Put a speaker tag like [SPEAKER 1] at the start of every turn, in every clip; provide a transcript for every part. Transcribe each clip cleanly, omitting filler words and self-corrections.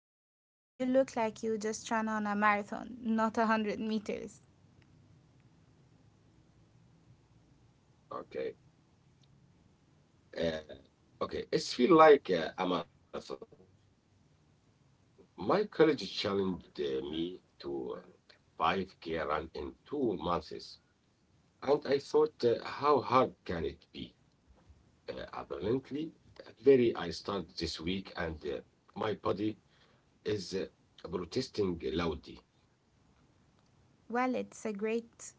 [SPEAKER 1] bench. You look like you just ran on a marathon, not 100 meters.
[SPEAKER 2] Okay. Uh, okay, it's feel like a marathon. My college challenged me to five k run in 2 months, and I thought, how hard can it be? Apparently, very. I start this week, and my body is protesting loudly.
[SPEAKER 1] Well, it's a great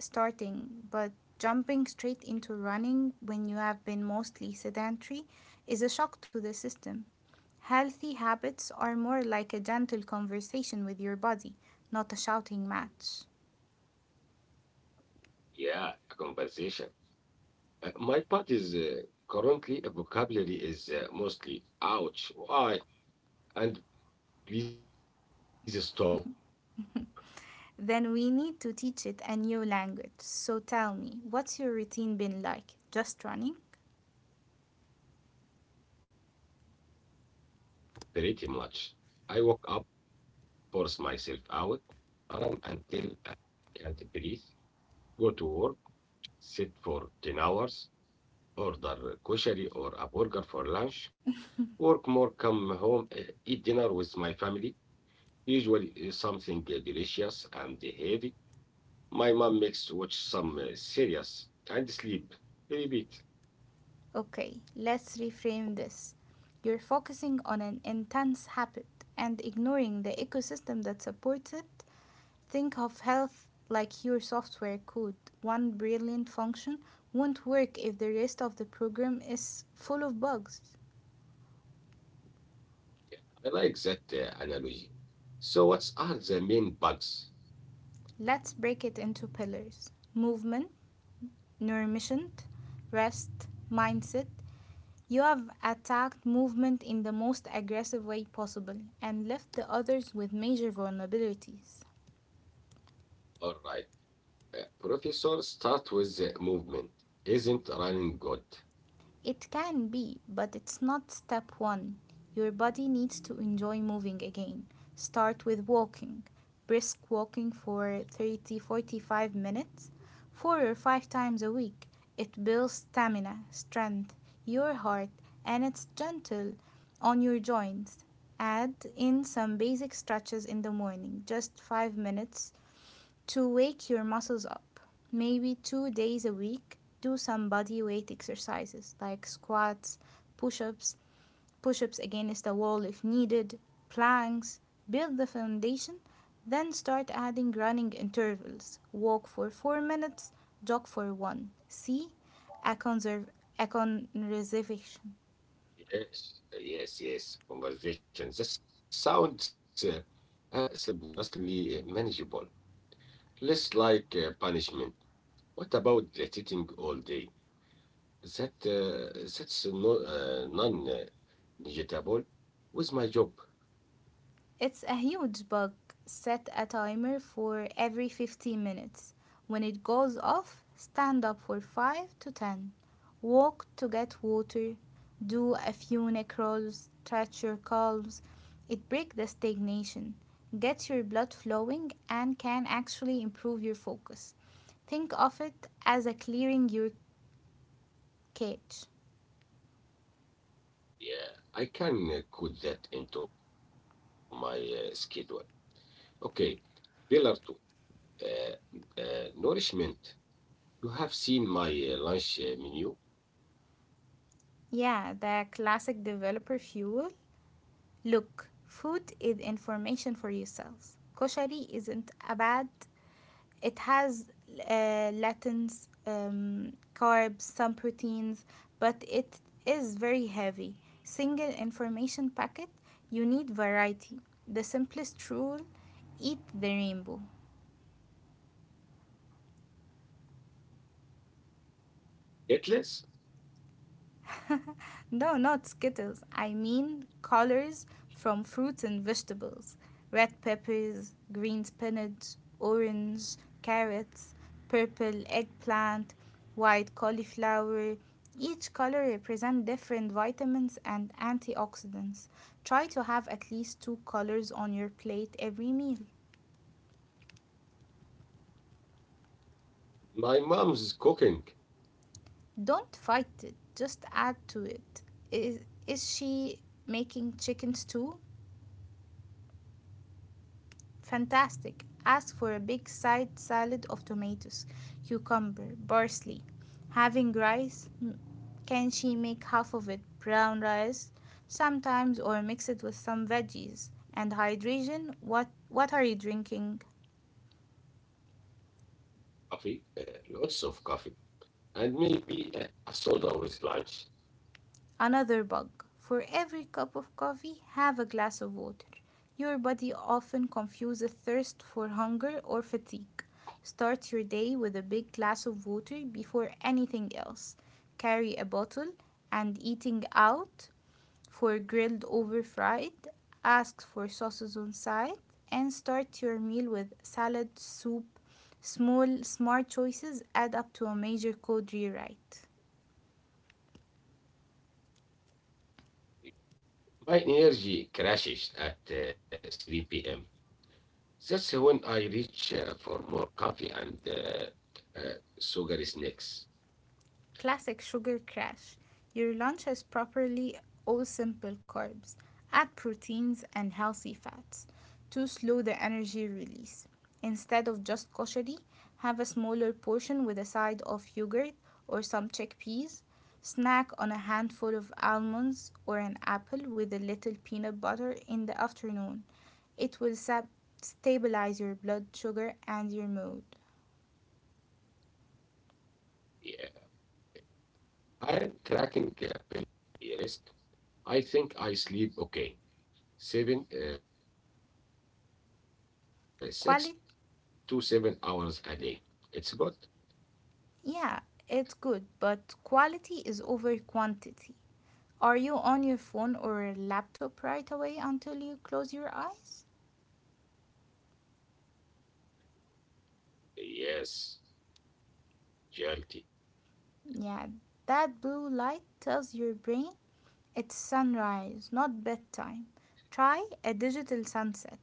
[SPEAKER 1] starting, but jumping straight into running when you have been mostly sedentary is a shock to the system. Healthy habits are more like a gentle conversation with your body, not a shouting match.
[SPEAKER 2] Yeah, a conversation. My body's currently vocabulary is mostly ouch, why, and please stop.
[SPEAKER 1] Then we need to teach it a new language. So tell me, what's your routine been like? Just running?
[SPEAKER 2] Pretty much. I woke up, forced myself out, ran until I can't breathe, go to work, sit for 10 hours, order kosher or a burger for lunch, work more, come home, eat dinner with my family, usually something delicious and heavy. My mom makes watch some series and sleep. Repeat.
[SPEAKER 1] Okay, let's reframe this. You're focusing on an intense habit and ignoring the ecosystem that supports it. Think of health like your software code. One brilliant function won't work if the rest of the program is full of bugs.
[SPEAKER 2] I like that analogy. So, what are the main bugs?
[SPEAKER 1] Let's break it into pillars: movement, nourishment, rest, mindset. You have attacked movement in the most aggressive way possible and left the others with major vulnerabilities.
[SPEAKER 2] All right. Professor, start with the movement. Isn't running good?
[SPEAKER 1] It can be, but it's not step one. Your body needs to enjoy moving again. Start with walking, brisk walking for 30 to 45 minutes, four or five times a week. It builds stamina, strength, your heart, and it's gentle on your joints. Add in some basic stretches in the morning, just 5 minutes to wake your muscles up. Maybe 2 days a week, do some body weight exercises like squats, push ups, push ups against the wall if needed, planks. Build the foundation, then start adding running intervals. Walk for 4 minutes, jog for one. See, a, conserv- a conservation.
[SPEAKER 2] Yes, yes, yes. Conversation. That sounds seriously manageable. Less like punishment. What about the sitting all day? That's no, non-negotiable with my job.
[SPEAKER 1] It's a huge bug. Set a timer for every 15 minutes. When it goes off, stand up for 5 to 10. Walk to get water. Do a few neck rolls. Stretch your calves. It breaks the stagnation, gets your blood flowing, and can actually improve your focus. Think of it as a clearing your cache.
[SPEAKER 2] Yeah, I can put that into my schedule. Okay, pillar two, nourishment. You have seen my lunch menu.
[SPEAKER 1] Yeah, the classic developer fuel. Look, food is information for yourselves. Koshari isn't a bad. It has latins, carbs, some proteins, but it is very heavy. Single information packet, you need variety. The simplest rule: eat the rainbow.
[SPEAKER 2] It's
[SPEAKER 1] No, not Skittles. I mean colors from fruits and vegetables. Red peppers, green spinach, orange carrots, purple eggplant, white cauliflower. Each color represents different vitamins and antioxidants. Try to have at least two colors on your plate every meal.
[SPEAKER 2] my mom's cooking
[SPEAKER 1] Don't fight it, just add to it. Is, is she making chicken stew? Fantastic. Ask for a big side salad of tomatoes, cucumber, parsley. Having rice? Mm. Can she make half of it brown rice sometimes or mix it with some veggies? And hydration? What are you drinking?
[SPEAKER 2] coffee, lots of coffee, and maybe a soda with
[SPEAKER 1] Another
[SPEAKER 2] lunch.
[SPEAKER 1] bug. For every cup of coffee, have a glass of water. Your body often confuses thirst for hunger or fatigue. Start your day with a big glass of water before anything else. Carry a bottle, and eating out, for grilled over fried. Ask for sauces on side and start your meal with salad, soup. Small, smart choices add up to a major code rewrite.
[SPEAKER 2] My energy crashes at 3 p.m. That's when I reach for more coffee and sugary snacks.
[SPEAKER 1] Classic sugar crash. Your lunch has properly all simple carbs. Add proteins and healthy fats to slow the energy release. Instead of just koshari, have a smaller portion with a side of yogurt or some chickpeas. Snack on a handful of almonds or an apple with a little peanut butter in the afternoon. It will stabilize your blood sugar and your mood.
[SPEAKER 2] Yeah, I'm tracking rest. I think I sleep okay,
[SPEAKER 1] Quality.
[SPEAKER 2] 6 to 7 hours a day. It's good.
[SPEAKER 1] Yeah, it's good, but quality is over quantity. Are you on your phone or laptop right away until you close your eyes?
[SPEAKER 2] Yes,
[SPEAKER 1] Yeah, that blue
[SPEAKER 2] guilty.
[SPEAKER 1] light tells your brain it's sunrise, not bedtime. Try a digital sunset.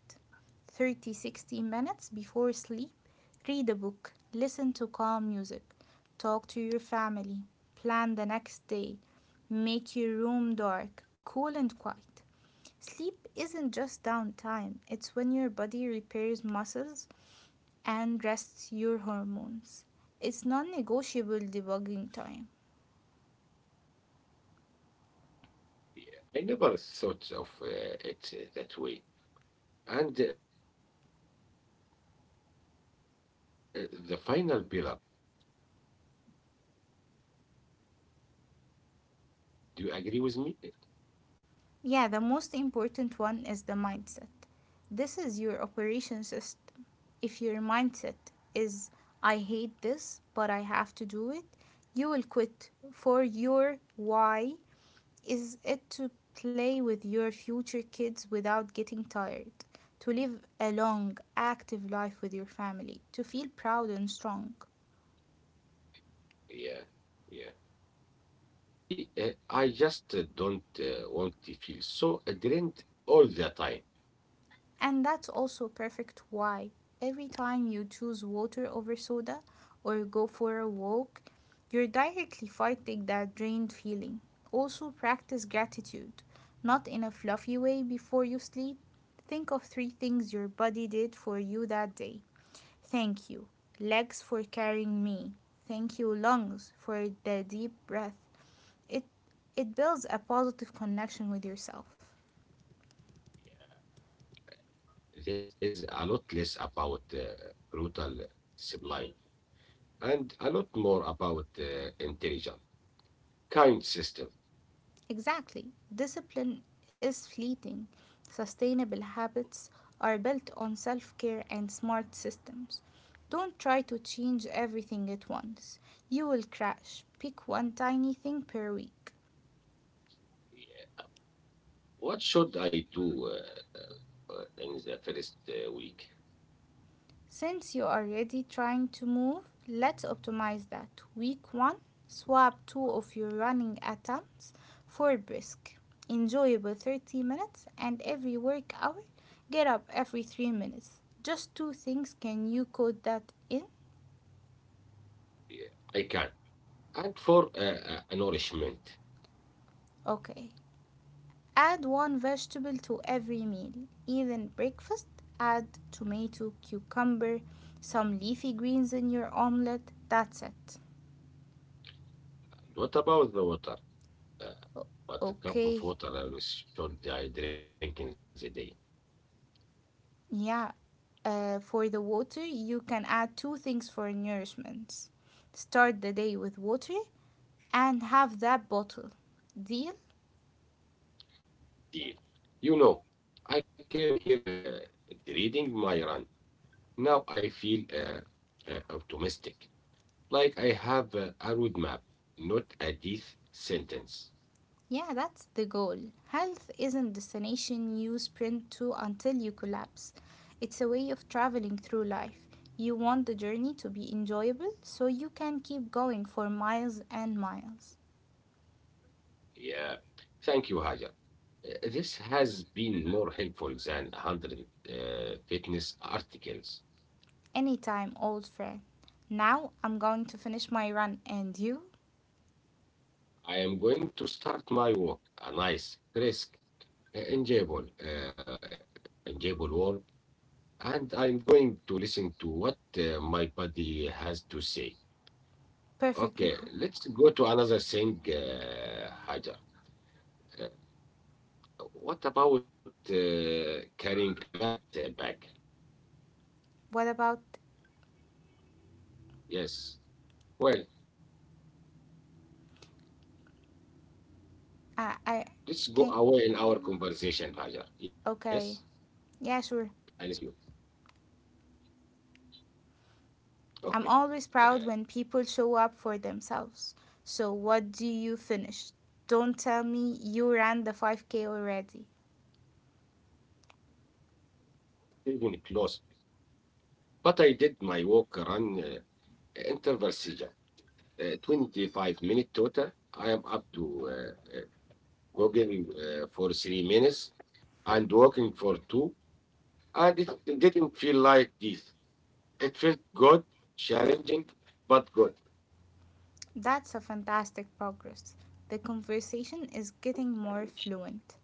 [SPEAKER 1] 30, 60 minutes before sleep, read a book, listen to calm music, talk to your family, plan the next day, make your room dark, cool, and quiet. Sleep isn't just downtime, it's when your body repairs muscles and rests your hormones. It's non negotiable debugging time.
[SPEAKER 2] Yeah. I never thought of it that way. And the final pillar, mindset.
[SPEAKER 1] Yeah, the most important one
[SPEAKER 2] Do you
[SPEAKER 1] is
[SPEAKER 2] agree
[SPEAKER 1] the
[SPEAKER 2] with me?
[SPEAKER 1] mindset. This is your operation system. If your mindset is, I hate this, but I have to do it, you will quit. For your why, is it to play with your future kids without getting tired, to live a long, active life with your family, to feel
[SPEAKER 2] Yeah,
[SPEAKER 1] proud and
[SPEAKER 2] yeah,
[SPEAKER 1] strong.
[SPEAKER 2] yeah, yeah, yeah. Honestly, I just don't want to feel so drained all the time.
[SPEAKER 1] And that's also perfect why every time you choose water over soda or go for a walk, you're directly fighting that drained feeling. Also, practice gratitude, not in a fluffy way before you sleep. Think of 3 things your body did for you that day. Thank you, legs, for carrying me. Thank you, lungs, for the deep breath. It, it builds a positive connection with yourself.
[SPEAKER 2] This is a lot less about brutal discipline and a lot more about intelligent, kind system.
[SPEAKER 1] Exactly. Discipline is fleeting. Sustainable habits are built on self care and smart systems. Don't try to change everything at once. You will crash. Pick one tiny thing per week.
[SPEAKER 2] Yeah. What should I do in the first week?
[SPEAKER 1] Since you are already trying to move, let's optimize that. Week 1, swap 2 of your running attempts for brisk, enjoyable 30 minutes, and every work hour, get up every 3 minutes. Just two things, can you code that in?
[SPEAKER 2] Yeah, I can. And for a nourishment.
[SPEAKER 1] Okay. Add one vegetable to every meal, even breakfast. Add tomato, cucumber, some leafy greens in your omelette. That's it.
[SPEAKER 2] And what about the water? Uh, what cup of
[SPEAKER 1] Okay.
[SPEAKER 2] water should I drink in the day?
[SPEAKER 1] Yeah, for the water, you can add two things for nourishment. Start the day with water and have that bottle. Deal?
[SPEAKER 2] Deal. You know, I came here reading my run. Now I feel optimistic, like I have a roadmap, not a death sentence.
[SPEAKER 1] Yeah, that's the goal. Health isn't a destination you sprint to until you collapse. It's a way of traveling through life. You want the journey to be enjoyable so you can keep going for miles and miles.
[SPEAKER 2] Yeah, thank you, Hajar. This has been more helpful than 100 fitness articles.
[SPEAKER 1] Anytime, old friend. Now I'm going to finish my run, and you?
[SPEAKER 2] I am going to start my work, a nice, crisp, uh, enjoyable, uh, enjoyable work, and I'm going to listen to what my body has to say.
[SPEAKER 1] Perfect,
[SPEAKER 2] Okay,
[SPEAKER 1] Mahal.
[SPEAKER 2] let's go to another thing, Hajar. Uh, what about carrying a mat bag?
[SPEAKER 1] What about,
[SPEAKER 2] Yes. Well,
[SPEAKER 1] I
[SPEAKER 2] let's go
[SPEAKER 1] can.
[SPEAKER 2] away in our conversation, Hajar. Yes,
[SPEAKER 1] Okay, yeah,
[SPEAKER 2] I
[SPEAKER 1] sure.
[SPEAKER 2] listen to you. Okay.
[SPEAKER 1] I'm always
[SPEAKER 2] Uh,
[SPEAKER 1] proud when people show up for themselves. So, what do you finish? Don't tell me you ran the 5K already.
[SPEAKER 2] even close. But I did my walk run interval 25 minutes total. I am up to jogging for 3 minutes and walking for two. And it didn't feel like this. It felt good, challenging, but good.
[SPEAKER 1] That's a fantastic progress. The conversation is getting more fluent.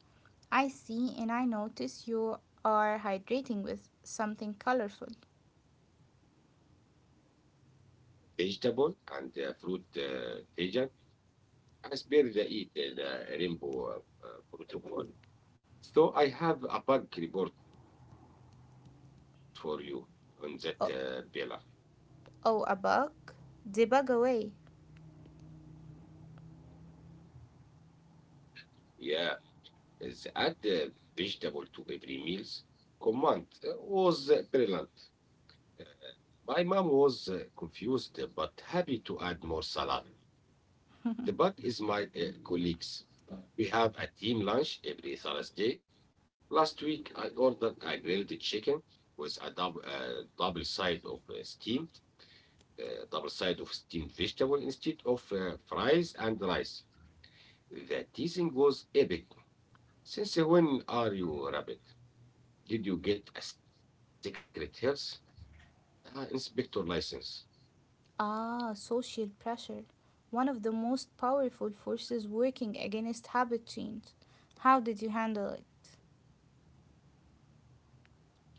[SPEAKER 1] I see, and I notice you are hydrating with something colorful.
[SPEAKER 2] Vegetable and fruit agent. I spare the eat the rainbow protocol. So I have a bug report for you on that pillar.
[SPEAKER 1] Oh, oh, a bug? Debug away.
[SPEAKER 2] Yeah, is add vegetable to every meals. Command was brilliant. My mom was confused but happy to add more salad. The bug is my colleagues. We have a team lunch every Thursday. Last week, I ordered a grilled chicken with a double side of double side of steamed vegetable instead of fries and rice. The teasing was epic. Since when are you rabbit? Did you get a secret health inspector license?
[SPEAKER 1] Ah, social pressure. One of the most powerful forces working against habit change. How did you handle it?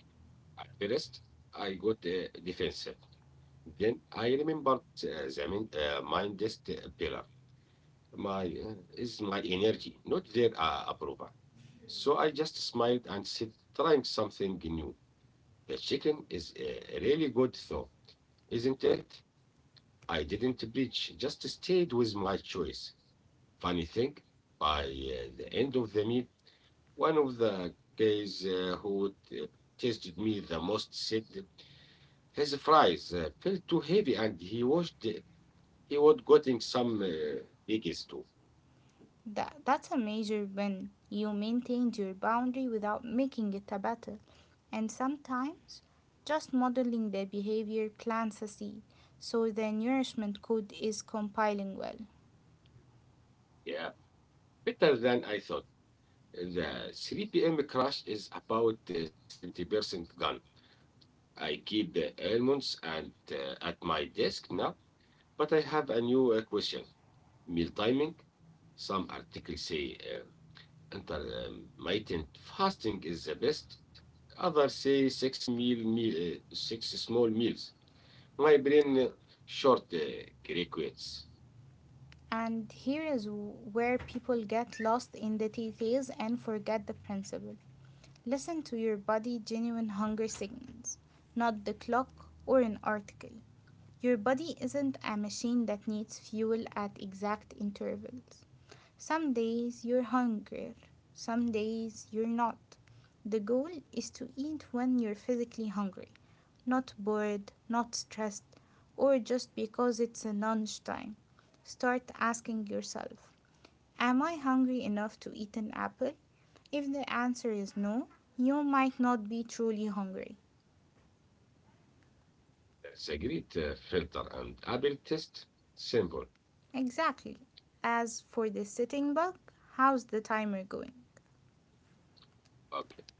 [SPEAKER 2] At first, I got defensive. Then I remembered uh, the main, mindest pillar. My is my energy, not their approval. So I just smiled and said, trying something new. The chicken is really good though, isn't it? I didn't preach, just stayed with my choice. Funny thing, by the end of the meal, one of the guys who tasted me the most said his fries felt too heavy and he washed he was getting some bigs too.
[SPEAKER 1] That's a major win. You maintained your boundary without making it a battle. And sometimes, just modeling the behavior plants a seed, so the nourishment code is compiling well.
[SPEAKER 2] Yeah, better than I thought. The 3 p.m. crash is about 70% gone. I keep the almonds and at my desk now, but I have a new question. Meal timing. Some articles say intermittent fasting is the best. Others say six small meals. My brain short requires.
[SPEAKER 1] And here is where people get lost in the details and forget the principle. Listen to your body genuine hunger signals, not the clock or an article. Your body isn't a machine that needs fuel at exact intervals. Some days you're hungrier, some days you're not. The goal is to eat when you're physically hungry, not bored, not stressed, or just because it's a lunchtime. Start asking yourself, am I hungry enough to eat an apple? If the answer is no, you might not be truly hungry.
[SPEAKER 2] That's a great filter and Apple test symbol.
[SPEAKER 1] Exactly. As for the sitting bug, how's the timer going?
[SPEAKER 2] Okay.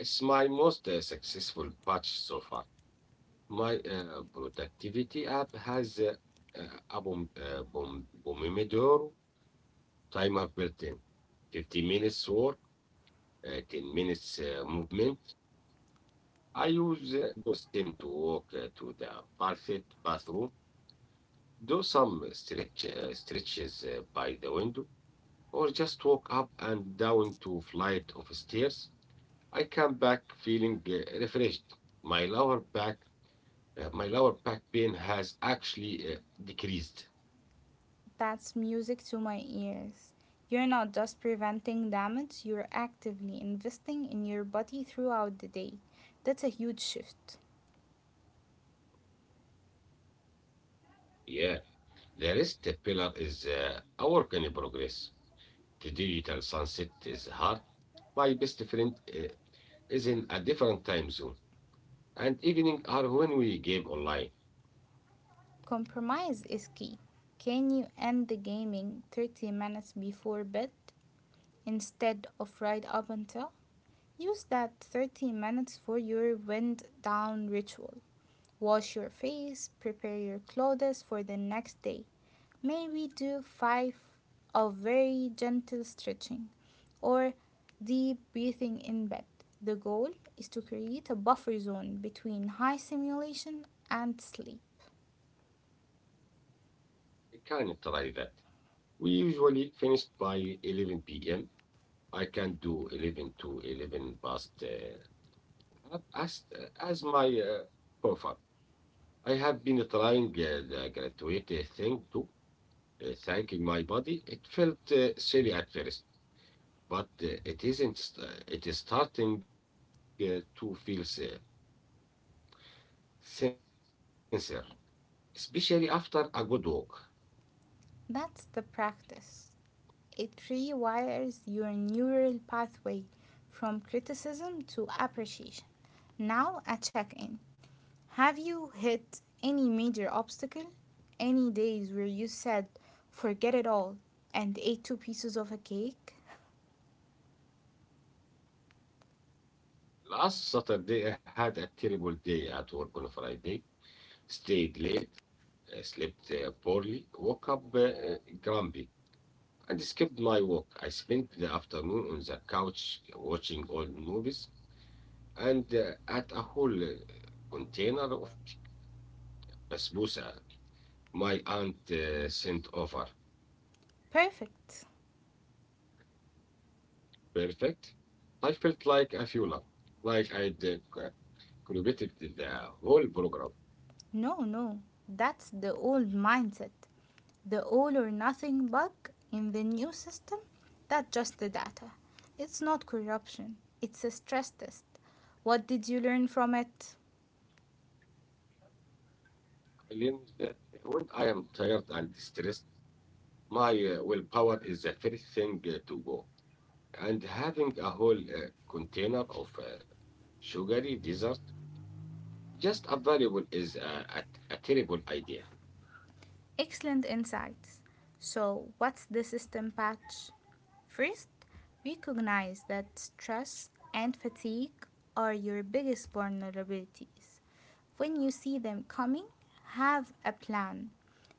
[SPEAKER 2] It's my most successful batch so far. My productivity app has bom, Pomodoro timer built in. 50 minutes work, 10 minutes movement. I use those 10 to walk to the bathroom, do some stretches by the window, or just walk up and down two flights of stairs. I come back feeling refreshed. My lower back, my lower back pain has actually decreased.
[SPEAKER 1] That's music to my ears. You're not just preventing damage, you're actively investing in your body throughout the day. That's a huge shift.
[SPEAKER 2] Yeah, the rest pillar is a work in progress. The digital sunset is hard. My best friend is in a different time zone, and evening are when we game online.
[SPEAKER 1] Compromise is key. Can you end the gaming 30 minutes before bed instead of right up until? Use that 30 minutes for your wind down ritual. Wash your face, prepare your clothes for the next day. Maybe do five of very gentle stretching or deep breathing in bed. The goal is to create a buffer zone between high stimulation and sleep.
[SPEAKER 2] I can try that. We usually finish by 11 p.m. I can do 11 to 11 past half as my profile. I have been trying the graduate thing too, thanking my body. It felt silly at first, but it isn't. It is starting to feel sincere, especially after a good walk.
[SPEAKER 1] That's the practice. It rewires your neural pathway from criticism to appreciation. Now, a check in. Have you hit any major obstacle? Any days where you said, forget it all, and ate two pieces of a cake?
[SPEAKER 2] Last Saturday, I had a terrible day at work on Friday. Stayed late, slept poorly, woke up grumpy, and skipped my walk. I spent the afternoon on the couch watching old movies and at a whole container of basbousa my aunt sent over.
[SPEAKER 1] Perfect.
[SPEAKER 2] Perfect. I felt like a fuller, like I'd contributed to the whole program.
[SPEAKER 1] No, no, that's the old mindset. The all or nothing bug in the new system? That's just the data. It's not corruption, it's a stress test. What did you learn from it?
[SPEAKER 2] Feeling that when I am tired and stressed, my willpower is the first thing to go. And having a whole container of sugary dessert just available is a terrible idea.
[SPEAKER 1] Excellent insights. So, what's the system patch? First, recognize that stress and fatigue are your biggest vulnerabilities. When you see them coming, have a plan.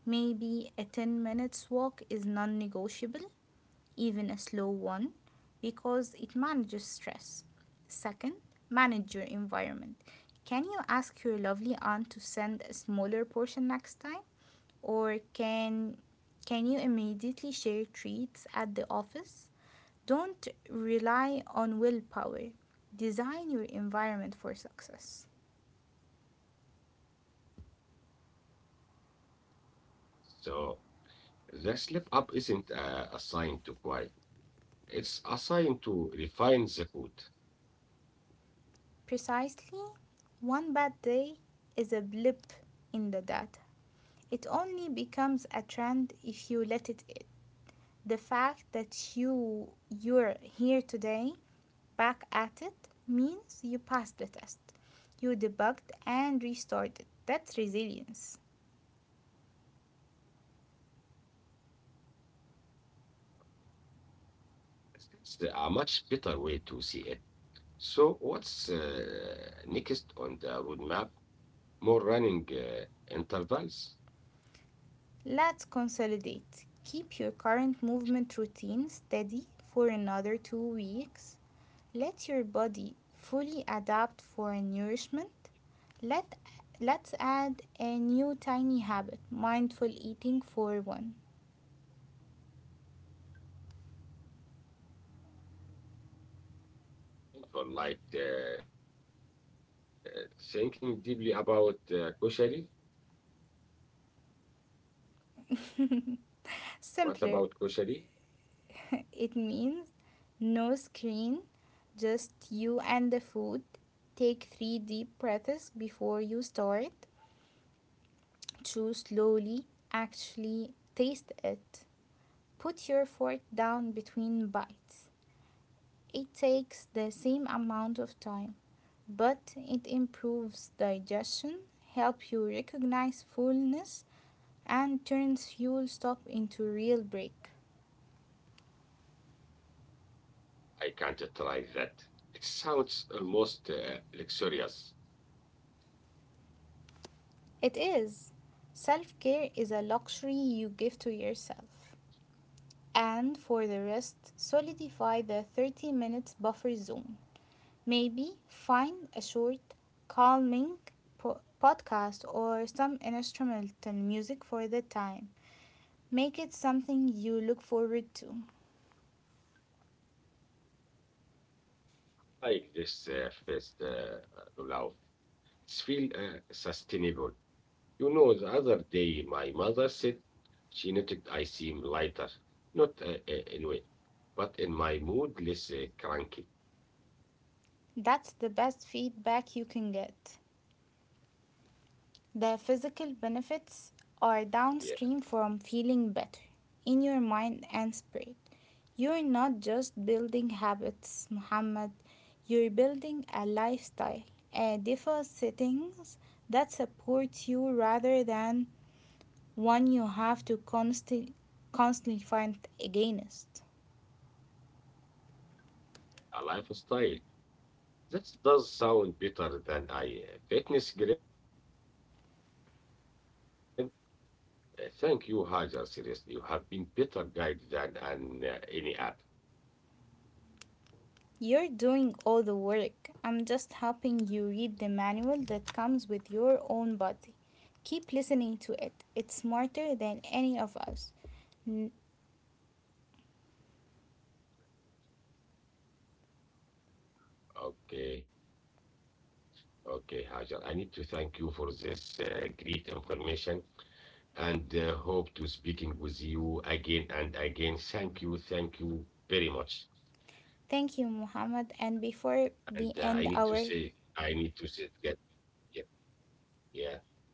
[SPEAKER 1] Maybe a 10 minutes walk is non negotiable, even a slow one, because it manages stress. Second, manage your environment. Can you ask your lovely aunt to send a smaller portion next time? Or can you immediately share treats at the office? Don't rely on willpower. Design your environment for success.
[SPEAKER 2] So the slip up isn't a sign to cry, it's a sign to refine the food.
[SPEAKER 1] Precisely, one bad day is a blip in the data. It only becomes a trend if you let it in. The fact that you're here today, back at it, means you passed the test. You debugged and restored it. That's resilience.
[SPEAKER 2] That's a much better way to see it. So, what's next on the roadmap? More running intervals?
[SPEAKER 1] Let's consolidate. Keep your current movement routine steady for another 2 weeks. Let your body fully adapt for nourishment. Let, let's add a new tiny habit: mindful eating for one.
[SPEAKER 2] For like thinking deeply about koshari. What
[SPEAKER 1] Simpler,
[SPEAKER 2] about koshari?
[SPEAKER 1] it means no screen, just you and the food. Take three deep breaths before you start. Chew slowly, actually, taste it. Put your fork down between bites. It takes the same amount of time, but it improves digestion, helps you recognize fullness, and turns fuel stop into real break.
[SPEAKER 2] I can't try that. It sounds almost luxurious,
[SPEAKER 1] It is. Self care is a luxury you give to yourself. And for the rest, solidify the 30 minutes buffer zone. Maybe find a short, calming podcast or some instrumental music for the time. Make it something you look forward to.
[SPEAKER 2] like this first pulao. It's feel sustainable. You know, the other day my mother said she noticed I seem lighter, not in weight, but in my mood less cranky.
[SPEAKER 1] That's the best feedback you can get. The physical benefits are
[SPEAKER 2] Yeah,
[SPEAKER 1] downstream from feeling better in your mind and spirit. You're not just building habits, Muhammad. You're building a lifestyle, a default settings that supports you rather than one you have to constantly fight against.
[SPEAKER 2] a lifestyle. That does sound better than a fitness grid. Thank you, Hajar. Seriously, you have been better guide than an, any app.
[SPEAKER 1] You're doing all the work. I'm just helping you read the manual that comes with your own body. Keep listening to it. It's smarter than any of us.
[SPEAKER 2] Okay, okay, Hajar. I need to thank you for this great information and hope to speaking with you again and again. Thank you very much.
[SPEAKER 1] Thank you,
[SPEAKER 2] And
[SPEAKER 1] Muhammad.
[SPEAKER 2] I
[SPEAKER 1] And
[SPEAKER 2] need to
[SPEAKER 1] before
[SPEAKER 2] say,
[SPEAKER 1] we
[SPEAKER 2] I
[SPEAKER 1] end
[SPEAKER 2] need to say,
[SPEAKER 1] our,
[SPEAKER 2] get yeah, yeah.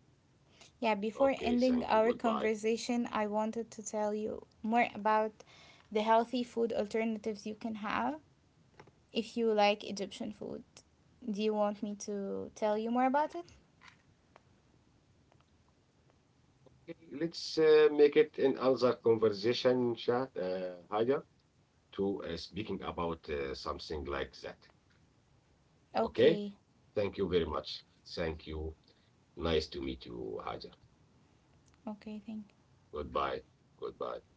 [SPEAKER 2] Okay, thank
[SPEAKER 1] yeah,
[SPEAKER 2] you.
[SPEAKER 1] before
[SPEAKER 2] Goodbye.
[SPEAKER 1] ending our conversation, I wanted to tell you more about the healthy food alternatives you can have. If you like Egyptian food, do you want me to tell you more about it?
[SPEAKER 2] Okay, let's make it another conversation, chat, Hajar, to speaking about something like that. Okay.
[SPEAKER 1] Okay,
[SPEAKER 2] Thank you very much. Thank you. Nice to meet you, Hajar.
[SPEAKER 1] okay, thank
[SPEAKER 2] Goodbye. Goodbye.